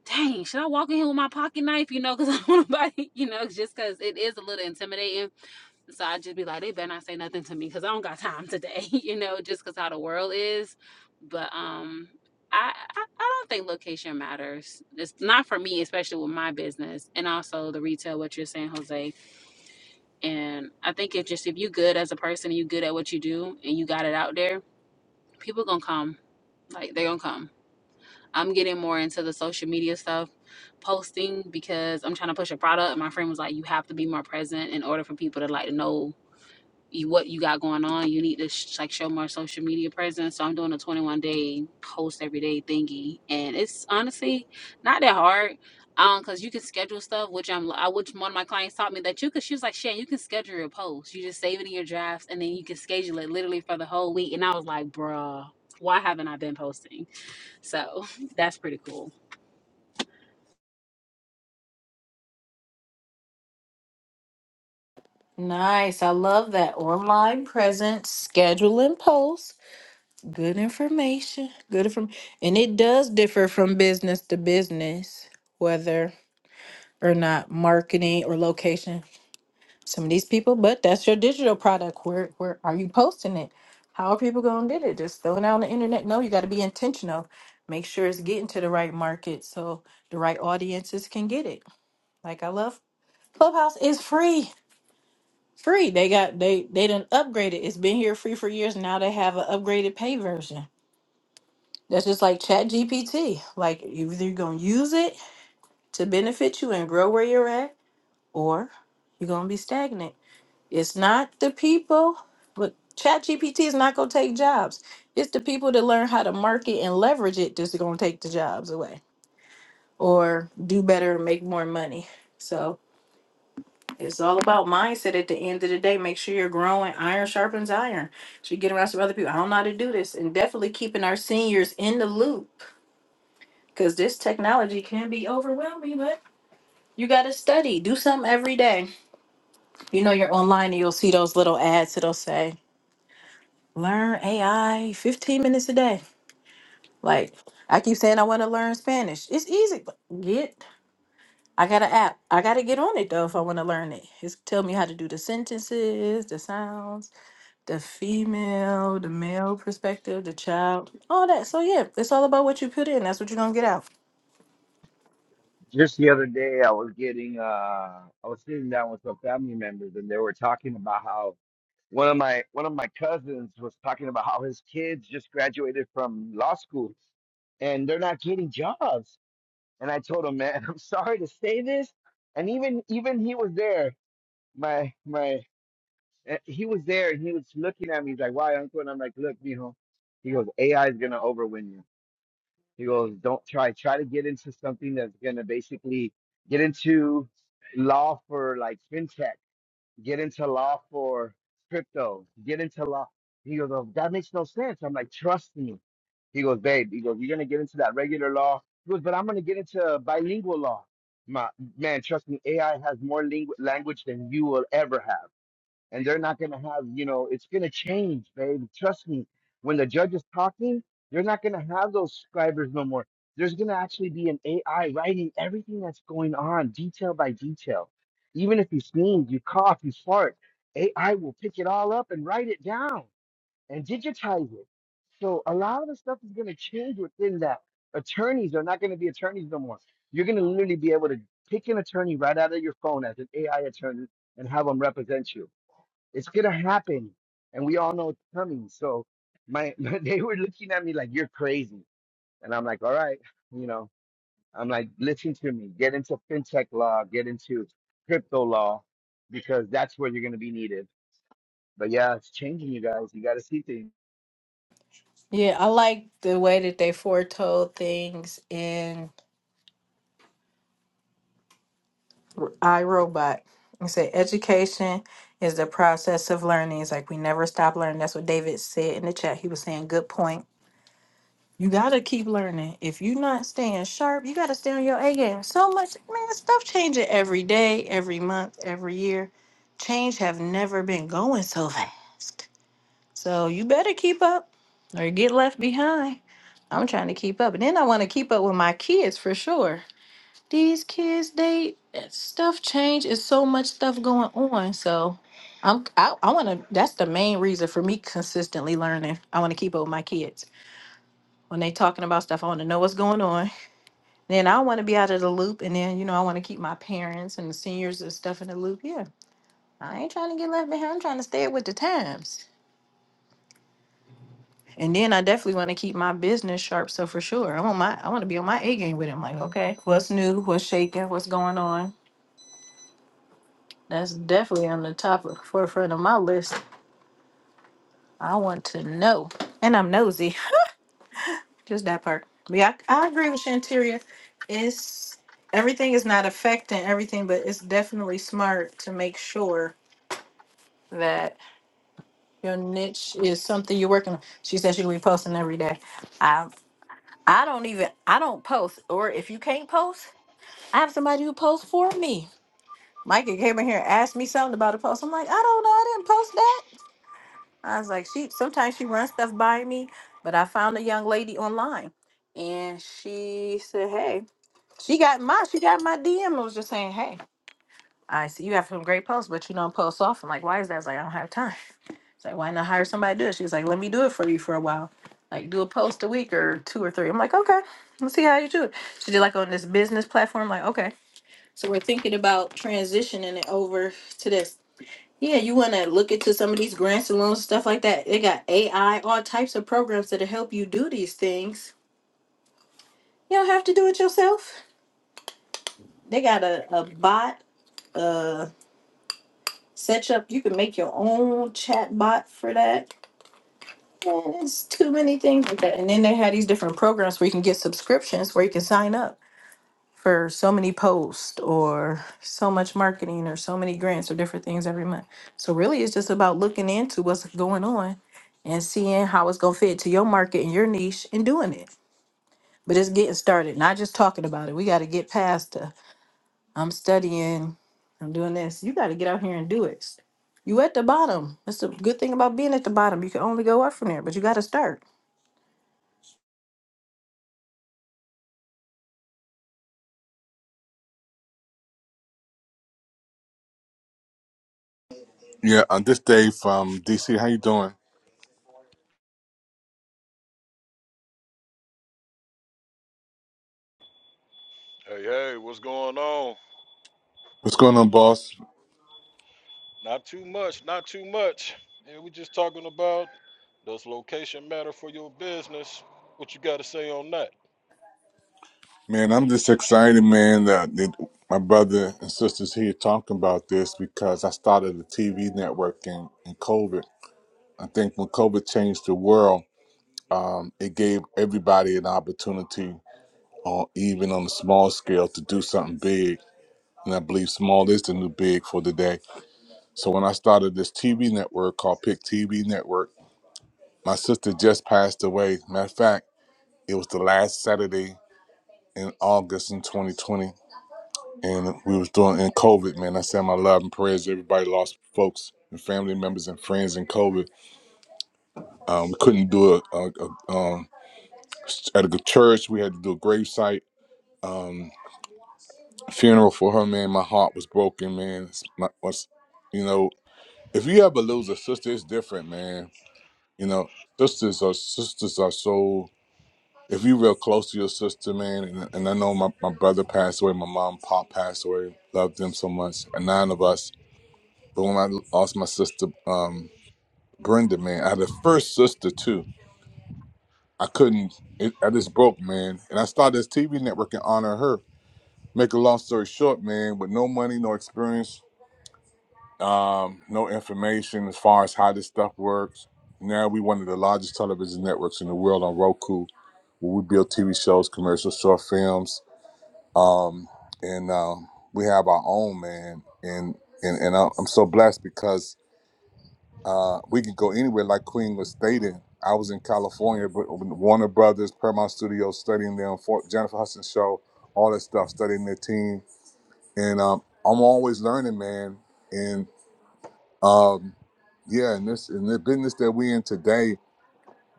dang, should I walk in here with my pocket knife? You know, because I don't want to you know, just because it is a little intimidating. So I just be like, they better not say nothing to me because I don't got time today, you know, just because how the world is. But um, I, I I don't think location matters. It's not for me, especially with my business and also the retail. What you're saying, Jose and I think if just if you good as a person and you good at what you do and you got it out there, people gonna come. Like they're gonna come. I'm getting more into the social media stuff, posting because I'm trying to push a product. And my friend was like, you have to be more present in order for people to like know you what you got going on. You need to sh- like show more social media presence. So I'm doing a 21 day post every day thingy, and it's honestly not that hard. Um, cause you can schedule stuff, which I'm, I, which one of my clients taught me that you could. She was like, "Shan, you can schedule your posts. You just save it in your drafts, and then you can schedule it literally for the whole week." And I was like, "Bruh, why haven't I been posting?" So that's pretty cool. Nice. I love that. Online presence, schedule and post. Good information. Good from, and it does differ from business to business, whether or not marketing or location some of these people, but that's your digital product. Where where are you posting it? How are people gonna get it? Just throwing out on the internet? No, you gotta be intentional. Make sure it's getting to the right market so the right audiences can get it. Like I love Clubhouse is free. Free. They got they they done upgraded. It's been here free for years. Now they have an upgraded pay version. That's just like Chat GPT. Like either you're gonna use it to benefit you and grow where you're at, or you're gonna be stagnant. It's not the people, but ChatGPT is not going to take jobs. It's the people that learn how to market and leverage it that's going to take the jobs away or do better and make more money. So it's all about mindset at the end of the day. Make sure you're growing. Iron sharpens iron. So you get around some other people. I don't know how to do this. And definitely keeping our seniors in the loop because this technology can be overwhelming, but you got to study. Do something every day. You know, you're online and you'll see those little ads that'll say, learn AI 15 minutes a day. Like I keep saying I want to learn Spanish. It's easy. but Get I got an app. I gotta get on it though if I want to learn it. It's tell me how to do the sentences, the sounds, the female, the male perspective, the child, all that. So yeah, it's all about what you put in. That's what you're gonna get out. Just the other day, I was getting, uh, I was sitting down with some family members and they were talking about how one of my one of my cousins was talking about how his kids just graduated from law school and they're not getting jobs. And I told him, man, I'm sorry to say this, and even even he was there. my my eh, he was there and he was looking at me he's like why uncle and i'm like look mijo he goes ai is going to overwin you he goes don't try try to get into something that's going to basically get into law for like fintech get into law for crypto get into law he goes oh, that makes no sense i'm like trust me he goes babe he goes you're going to get into that regular law he goes but i'm going to get into bilingual law my man trust me ai has more lingu- language than you will ever have and they're not going to have, you know, it's going to change, babe. Trust me. When the judge is talking, they're not going to have those scribers no more. There's going to actually be an AI writing everything that's going on, detail by detail. Even if you sneeze, you cough, you fart, AI will pick it all up and write it down and digitize it. So a lot of the stuff is going to change within that. Attorneys are not going to be attorneys no more. You're going to literally be able to pick an attorney right out of your phone as an AI attorney and have them represent you it's gonna happen, and we all know it's coming. So my, they were looking at me like you're crazy, and I'm like, all right, you know, I'm like, listen to me, get into fintech law, get into crypto law, because that's where you're gonna be needed. But yeah, it's changing, you guys. You got to see things. Yeah, I like the way that they foretold things in iRobot. It said education is the process of learning. It's like we never stop learning. That's what David said in the chat. He was saying, good point. You gotta keep learning. If you're not staying sharp, you gotta stay on your A game. So much man, stuff changing every day, every month, every year. Change have never been going so fast. So you better keep up or get left behind. I'm trying to keep up. And then I wanna keep up with my kids for sure these kids they stuff change is so much stuff going on so i'm i, I want to that's the main reason for me consistently learning i want to keep up with my kids when they talking about stuff i want to know what's going on then i want to be out of the loop and then you know i want to keep my parents and the seniors and stuff in the loop yeah i ain't trying to get left behind i'm trying to stay with the times and then I definitely want to keep my business sharp. So for sure, I want my I want to be on my A game with him. Like, okay, what's new? What's shaking? What's going on? That's definitely on the top of forefront of my list. I want to know. And I'm nosy. Just that part. But yeah, I, I agree with Shanteria. It's everything is not affecting everything, but it's definitely smart to make sure that your niche is something you're working on. She said she'll be posting every day. I I don't even I don't post. Or if you can't post, I have somebody who posts for me. Micah came in here and asked me something about a post. I'm like, I don't know, I didn't post that. I was like, she sometimes she runs stuff by me, but I found a young lady online and she said, Hey, she got my she got my DM and was just saying, Hey, I see you have some great posts, but you don't post often. Like, why is that? I was like, I don't have time. It's like, why not hire somebody to do it? She was like, Let me do it for you for a while. Like do a post a week or two or three. I'm like, okay, let's see how you do it. She did like on this business platform, like, okay. So we're thinking about transitioning it over to this. Yeah, you want to look into some of these grants and loans, stuff like that. They got AI, all types of programs that'll help you do these things. You don't have to do it yourself. They got a, a bot, uh, set up. You can make your own chat bot for that. And it's too many things like that. And then they have these different programs where you can get subscriptions where you can sign up. for so many posts or so much marketing or so many grants or different things every month. So really it's just about looking into what's going on and seeing how it's gonna fit to your market and your niche and doing it. But it's getting started, not just talking about it. We gotta get past the I'm studying, I'm doing this. You gotta get out here and do it. You at the bottom. That's the good thing about being at the bottom. You can only go up from there, but you gotta start. Yeah, on this day from DC. How you doing? Hey, hey, what's going on? What's going on, boss? Not too much, not too much. Yeah, we just talking about does location matter for your business? What you got to say on that? Man, I'm just excited, man, that, that my brother and sisters here talking about this because I started a TV network in, in COVID. I think when COVID changed the world, um, it gave everybody an opportunity, uh, even on a small scale, to do something big. And I believe small is the new big for today. So when I started this TV network called Pick TV Network, my sister just passed away. Matter of fact, it was the last Saturday in August in 2020, and we was doing in COVID. Man, I send my love and prayers. Everybody lost folks and family members and friends in COVID. Um, we couldn't do it uh, uh, um, at a good church. We had to do a gravesite um, funeral for her. Man, my heart was broken. Man, it's my, was you know, if you ever lose a sister, it's different, man. You know, sisters are sisters are so. if you real close to your sister, man, and, and I know my, my brother passed away, my mom, pop passed away, loved them so much, and nine of us. But when I lost my sister, um, Brenda, man, I had a first sister too. I couldn't, it, I just broke, man. And I started this TV network in honor of her. Make a long story short, man, with no money, no experience, um, no information as far as how this stuff works. Now we one of the largest television networks in the world on Roku, where we build TV shows, commercials, short films, um, and uh, we have our own man, and and and I- I'm so blessed because uh, we can go anywhere. Like Queen was stating, I was in California, but Warner Brothers, Paramount Studios, studying them, for Jennifer Hudson show, all that stuff, studying their team, and um, I'm always learning, man, and um, yeah, in this in the business that we in today,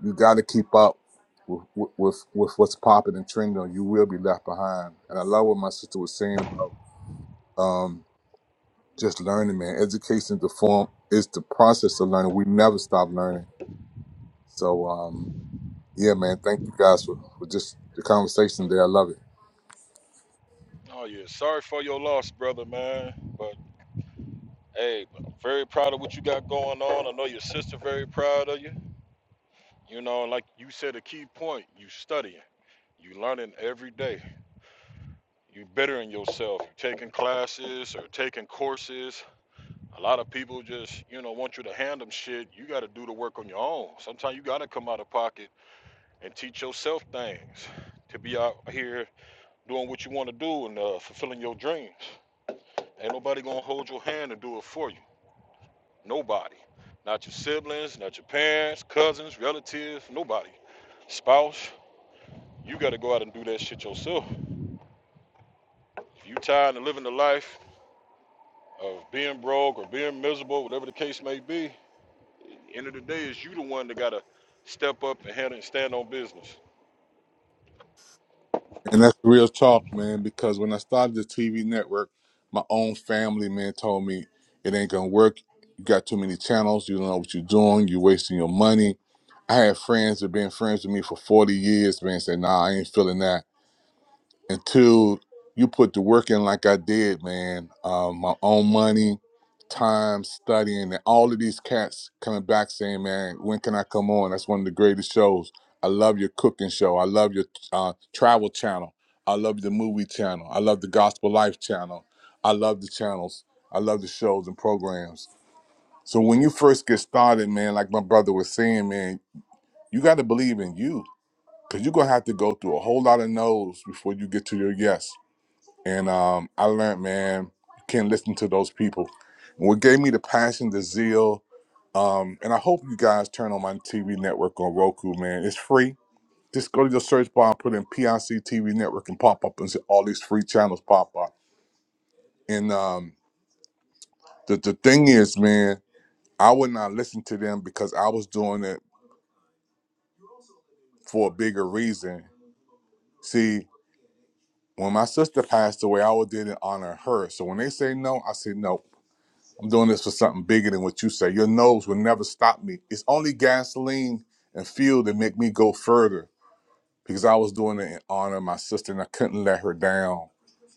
you got to keep up. With, with with with what's popping and trending, or you will be left behind. And I love what my sister was saying about. um Just learning, man. Education is the form is the process of learning. We never stop learning. So um yeah, man, thank you guys for, for just the conversation there. I love it. Oh yeah, sorry for your loss, brother, man. but. Hey, but I'm very proud of what you got going on. I know your sister very proud of you. You know, and like you said, a key point, you studying, you learning every day. You bettering yourself. You taking classes or taking courses. A lot of people just, you know, want you to hand them shit. You got to do the work on your own. Sometimes you got to come out of pocket and teach yourself things to be out here doing what you want to do and uh, fulfilling your dreams. Ain't nobody gonna hold your hand and do it for you. Nobody. Not your siblings, not your parents, cousins, relatives, nobody. Spouse, you got to go out and do that shit yourself. If you tired of living the life of being broke or being miserable, whatever the case may be, at the end of the day is you the one that got to step up and handle and stand on business. And that's real talk, man, because when I started the TV network, my own family, man, told me it ain't gonna work. You got too many channels, you don't know what you're doing, you're wasting your money. I had friends that been friends with me for 40 years, man, said, nah, I ain't feeling that. until you put the work in like I did, man. Um, my own money, time, studying, and all of these cats coming back saying, "Man, when can I come on?" That's one of the greatest shows. I love your cooking show. I love your uh, travel channel. I love the movie channel. I love the gospel life channel. I love the channels. I love the shows and programs. So when you first get started, man, like my brother was saying, man, you got to believe in you because you're gonna have to go through a whole lot of no's before you get to your yes and um, I learned, man, you can listen to those people. And what gave me the passion, the zeal, um, and I hope you guys turn on my TV network on Roku, man. It's free. Just go to your search bar and put in PIC TV network and pop up and see all these free channels pop up. And um, the, the thing is, man, I would not listen to them because I was doing it for a bigger reason. See, when my sister passed away, I did it in honor of her. So when they say no, I say no. I'm doing this for something bigger than what you say. Your nose will never stop me. It's only gasoline and fuel that make me go further because I was doing it in honor of my sister and I couldn't let her down.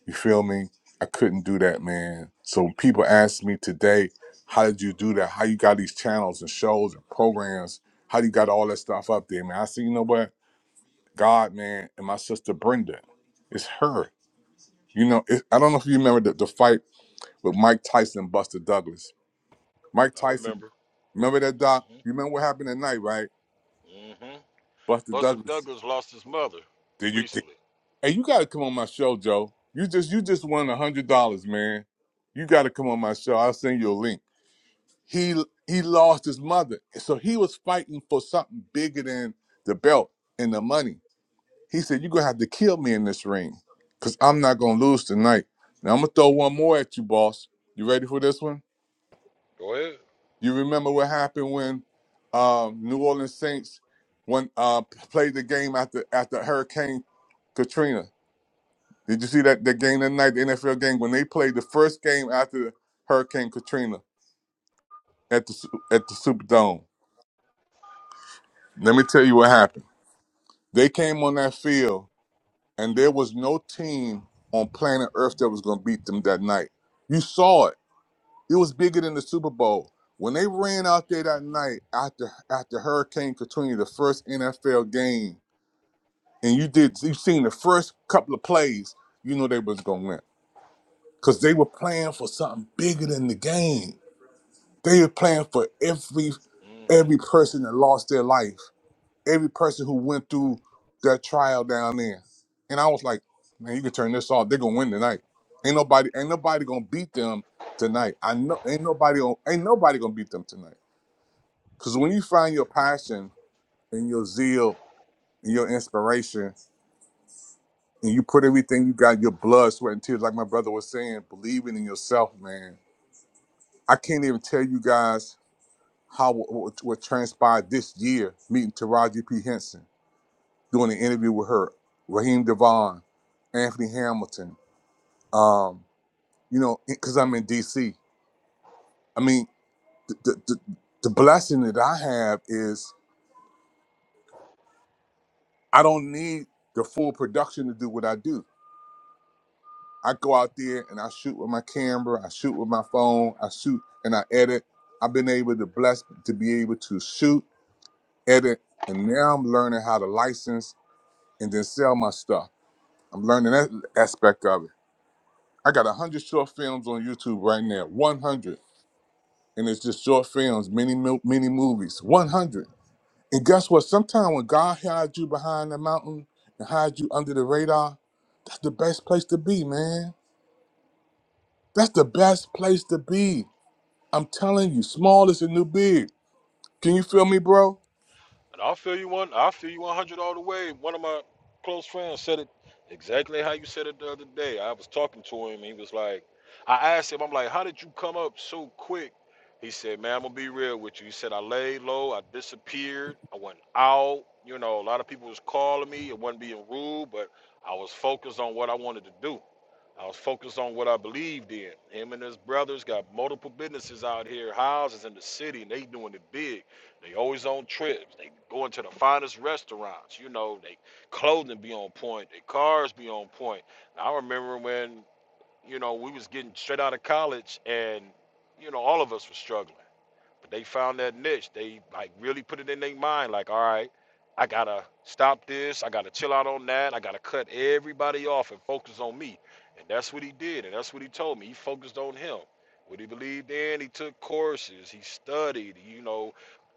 You feel me? I couldn't do that, man. So when people ask me today, how did you do that? How you got these channels and shows and programs? How you got all that stuff up there, man? I say, you know what? God, man, and my sister Brenda, it's her. You know, it, I don't know if you remember the, the fight with Mike Tyson and Buster Douglas Mike I Tyson. remember. Remember that doc? mm You remember what happened that night, right? hmm mm hmm Buster Buster Douglas. Douglas lost his mother Did you? Did, recently. hey, you got to come on my show, Joe. You just you just won a hundred dollars, man. You got to come on my show. I'll send you a link. He he lost his mother, so he was fighting for something bigger than the belt and the money. He said, "You're gonna have to kill me in this ring, cause I'm not gonna lose tonight." Now I'm gonna throw one more at you, boss. You ready for this one? Go ahead. You remember what happened when um, New Orleans Saints when uh, played the game after after Hurricane Katrina. Did you see that the game that night, the NFL game when they played the first game after Hurricane Katrina at the Su- at the Superdome? Let me tell you what happened. They came on that field and there was no team on planet Earth that was going to beat them that night. You saw it. It was bigger than the Super Bowl. When they ran out there that Mm-hmm. night after after Hurricane Katrina, the first NFL game, and you did you seen the first couple of plays, you know they was gonna win. Cause they were playing for something bigger than the game. They were playing for every mm hmm every person that lost their life every person who went through that trial down there. And I was like, man, you can turn this off. They're gonna win tonight. Ain't nobody, ain't nobody gonna beat them tonight. I know ain't nobody gonna ain't nobody gonna beat them tonight. Cause when you find your passion and your zeal and your inspiration and you put everything you got, your blood, sweat, and tears, like my brother was saying, believing in yourself, man. I can't even tell you guys how what, what transpired this year meeting Taraji P. Henson doing an interview with her, Raheem Devon, Anthony Hamilton. Um, you know, because I'm in D.C. I mean, the the the blessing that I have is I don't need the full production to do what I do. I go out there and I shoot with my camera, I shoot with my phone, I shoot and I edit. I've been able to bless to be able to shoot, edit, and now I'm learning how to license and then sell my stuff. I'm learning that aspect of it. I got a hundred short films on YouTube right now. One hundred, and it's just short films, mini mil- mini movies. One hundred. And guess what? Sometimes when God hides you behind the mountain and hides you under the radar, that's the best place to be, man. That's the best place to be. I'm telling you, small is the new big. Can you feel me, bro? And I'll feel you one. I'll feel you 100 all the way. One of my close friends said it exactly how you said it the other day. I was talking to him. He was like, I asked him, I'm like, how did you come up so quick? He said, man, I'm going to be real with you. He said, I laid low. I disappeared. I went out. You know, a lot of people was calling me. It wasn't being rude, but I was focused on what I wanted to do. I was focused on what I believed in. Him and his brothers got multiple businesses out here, houses in the city, and they doing it big. They always on trips. They going to the finest restaurants. You know, they clothing be on point. Their cars be on point. And I remember when, you know, we was getting straight out of college and, you know, all of us were struggling. They found that niche. They like really put it in their mind, like, all right, I gotta stop this, I gotta chill out on that, I gotta cut everybody off and focus on me. And that's what he did, and that's what he told me. He focused on him. What he believed in, he took courses, he studied, you know,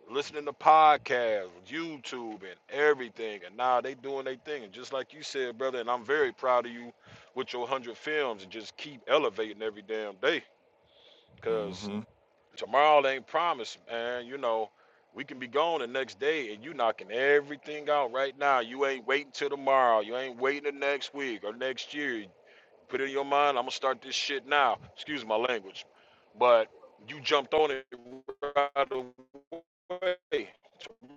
listening to podcasts, YouTube, and everything. And now they doing their thing. And just like you said, brother, and I'm very proud of you with your 100 films and just keep elevating every damn day because hmm Tomorrow ain't promised, man. You know, we can be gone the next day and you knocking everything out right now. You ain't waiting till tomorrow. You ain't waiting the next week or next year. Put it in your mind, I'm gonna start this shit now. Excuse my language. But you jumped on it right away.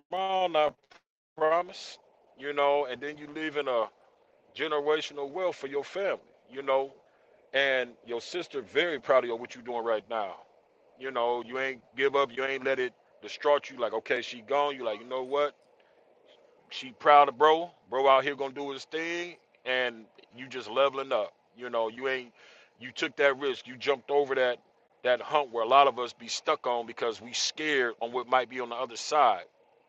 Tomorrow not promised, you know, and then you leave in a generational wealth for your family, you know and your sister very proud of you, what you doing right now. You know, you ain't give up, you ain't let it distract you. Like, okay, she gone. You like, you know what? She proud of bro. Bro out here gonna do his thing, and you just leveling up. You know, you ain't. You took that risk. You jumped over that that hump where a lot of us be stuck on because we scared on what might be on the other side.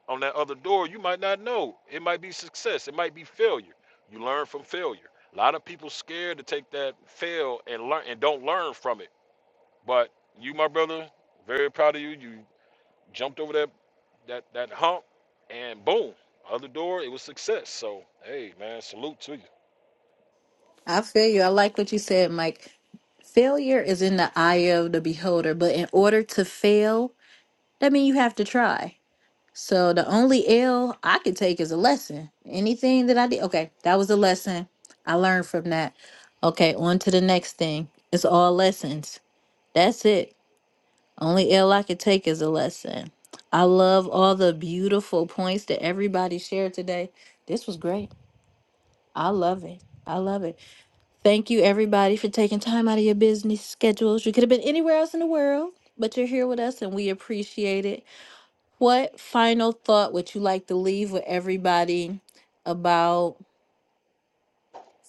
On that other door, you might not know. It might be success. It might be failure. You learn from failure. A lot of people scared to take that fail and learn and don't learn from it. But you, my brother, very proud of you. You jumped over that that that hump, and boom, other door. It was success. So hey, man, salute to you. I feel you. I like what you said, Mike. Failure is in the eye of the beholder, but in order to fail, that means you have to try. So the only L I could take is a lesson. Anything that I did, okay, that was a lesson. I learned from that. Okay, on to the next thing. It's all lessons. That's it. Only L I could take is a lesson. I love all the beautiful points that everybody shared today. This was great. I love it. I love it. Thank you, everybody, for taking time out of your business schedules. You could have been anywhere else in the world, but you're here with us and we appreciate it. What final thought would you like to leave with everybody about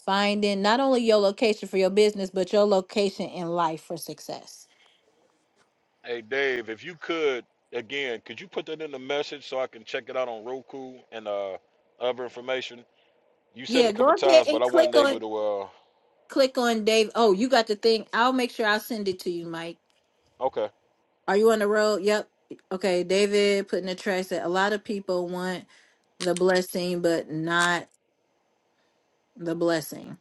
finding not only your location for your business, but your location in life for success? Hey, Dave, if you could again, could you put that in the message so I can check it out on Roku and uh other information? You said it Yeah, a go couple ahead times, but and I click wasn't able on to. uh click on Dave. Oh, you got the thing. I'll make sure I send it to you, Mike. Okay, Are you on the road? Yep. Okay, David put in the trash that a lot of people want the blessing, but not the blessing.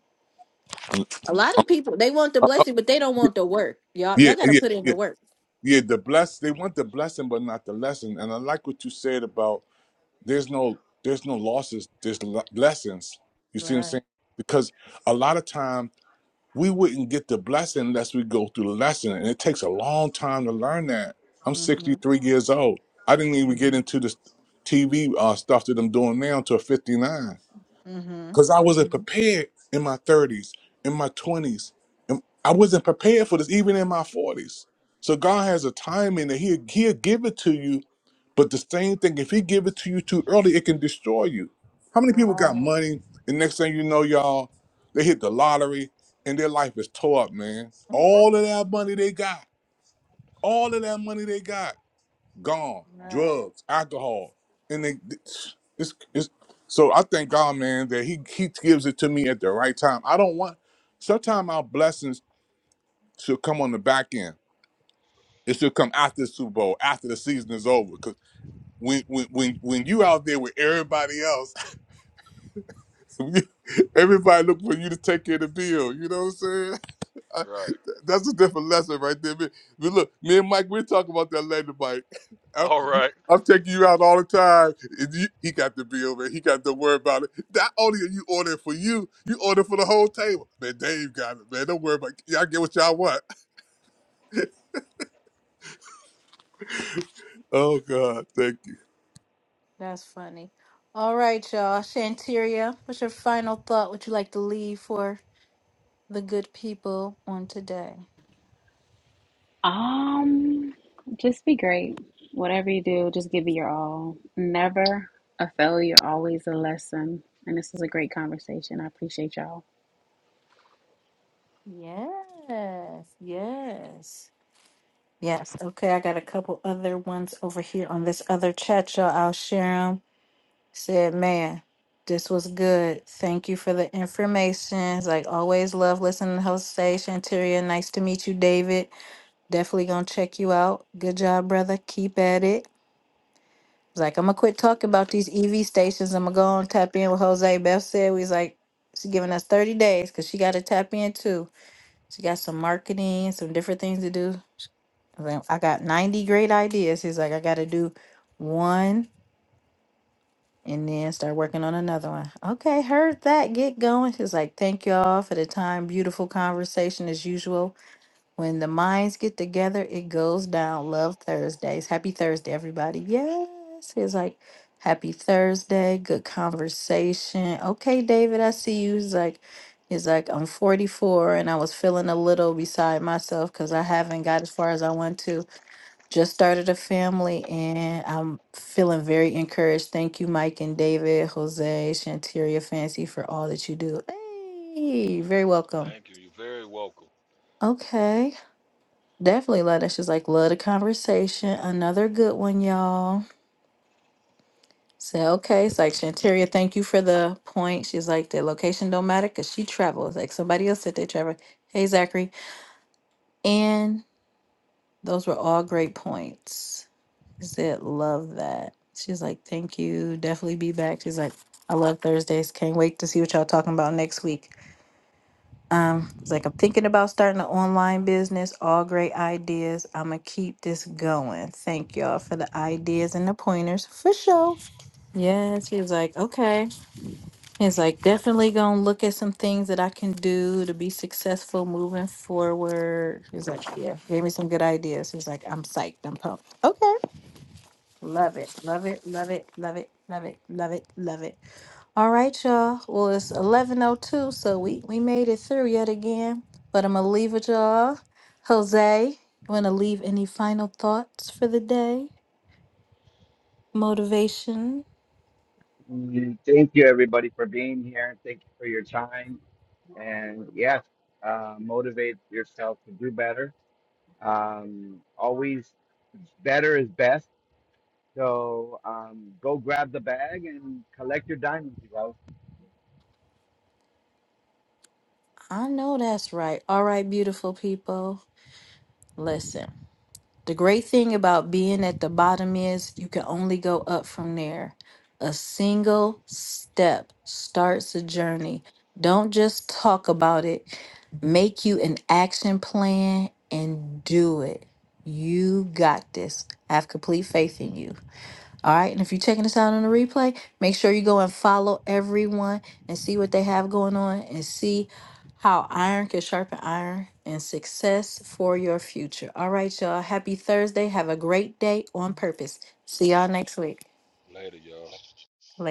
A lot of people they want the blessing, but they don't want the work. Y'all, Yeah, y'all got to yeah, put in yeah, the work. yeah. The bless they want the blessing, but not the lesson. And I like what you said about there's no there's no losses there's no le- blessings you see what i'm Right. saying because a lot of time we wouldn't get the blessing unless we go through the lesson and it takes a long time to learn that i'm Mm-hmm. 63 years old i didn't even get into the tv uh, stuff that i'm doing now until 59 Mm-hmm. because i wasn't Mm-hmm. prepared in my 30s in my 20s and i wasn't prepared for this even in my 40s so god has a timing that he he'll give it to you but the same thing, if he give it to you too early, it can destroy you. How many people got Right. money and next thing you know, y'all, they hit the lottery and their life is tore up, man. All of that money they got, all of that money they got, gone. Right. Drugs, alcohol, and they. It's, it's, so I thank God, man, that he he gives it to me at the right time. I don't want. Sometimes our blessings should come on the back end. It should come after the Super Bowl, after the season is over. when when when when you out there with everybody else, everybody looking for you to take care of the bill. You know what I'm saying? I- right. that's a different lesson right there. But but look, me and Mike, we're talking about that later, Mike. I, All you, right. I'm taking you out all the time. and you- he got the bill, man. He got to worry about it. Not only are you ordering for you, you order for the whole table. Man, Dave got it, man. Don't worry about it. Y'all get what y'all want. Oh, God. Thank That's funny. All right, y'all. Shanteria, what's your final thought? Would you like to leave for the good people on today? Um, just be great. Whatever you do, just give it your all. Never a failure, always a lesson. And this was a great conversation. I appreciate y'all. Yes, yes. Yes. Okay. I got a couple other ones over here on this other chat, y'all. I'll share them. Said, man, this was good. Thank you for the information. Like always, love listening to Jose Shanteria. Nice to meet you, David. Definitely gonna check you out. Good job, brother. Keep at it. It's like I'm gonna quit talking about these EV stations. I'm gonna go and tap in with Jose. Beth said we was like she's giving us 30 days because she got to tap in too. She got some marketing, some different things to do. I was like, I got 90 great ideas. He's like, I gotta do one and then start working on another one. Okay, heard that. Get going. She's like, thank y'all for the time. Beautiful conversation as usual. When the minds get together, it goes down. Love Thursdays. Happy Thursday, everybody. Yes. it's like, Happy Thursday. Good conversation. Okay, David, I see you. He's like, He's like, I'm 44 and I was feeling a little beside myself because I haven't got as far as I want to. Just started a family and I'm feeling very encouraged. Thank you, Mike and David, Jose, Shantiria Fancy, for all that you do. Hey, very welcome. Thank you. You're very welcome. Okay. Definitely love that. She's like, love the conversation. Another good one, y'all. Say, okay. It's like, Shantaria, thank you for the point. She's like, the location don't matter because she travels. Like somebody else said they travel. Hey, Zachary. And those were all great points. Zit, love that. She's like, thank you. Definitely be back. She's like, I love Thursdays. Can't wait to see what y'all talking about next week. Um, it's like I'm thinking about starting an online business. All great ideas. I'm gonna keep this going. Thank y'all for the ideas and the pointers for sure. Yes, he was like, okay. He's like, definitely gonna look at some things that I can do to be successful moving forward. He's like, yeah, gave me some good ideas. He's like, I'm psyched. I'm pumped. Okay, love it, love it, love it, love it, love it, love it, love it. All right, y'all. Well, it's 11:02, so we we made it through yet again. But I'm gonna leave it, y'all. Jose, you wanna leave any final thoughts for the day? Motivation? Mm, Thank you, everybody, for being here. Thank you for your time, and yes, uh, motivate yourself to do better. Um, always better is best So um, go grab the bag and collect your diamonds, you guys. I know that's right. All right, beautiful people. Listen. The great thing about being at the bottom is you can only go up from there. A single step starts a journey. Don't just talk about it, make you an action plan and do it. You got this. I have complete faith in you. All right. And if you're checking this out on the replay, make sure you go and follow everyone and see what they have going on and see how iron can sharpen iron and success for your future. All right, y'all. Happy Thursday. Have a great day on purpose. See y'all next week. Later, y'all. Later.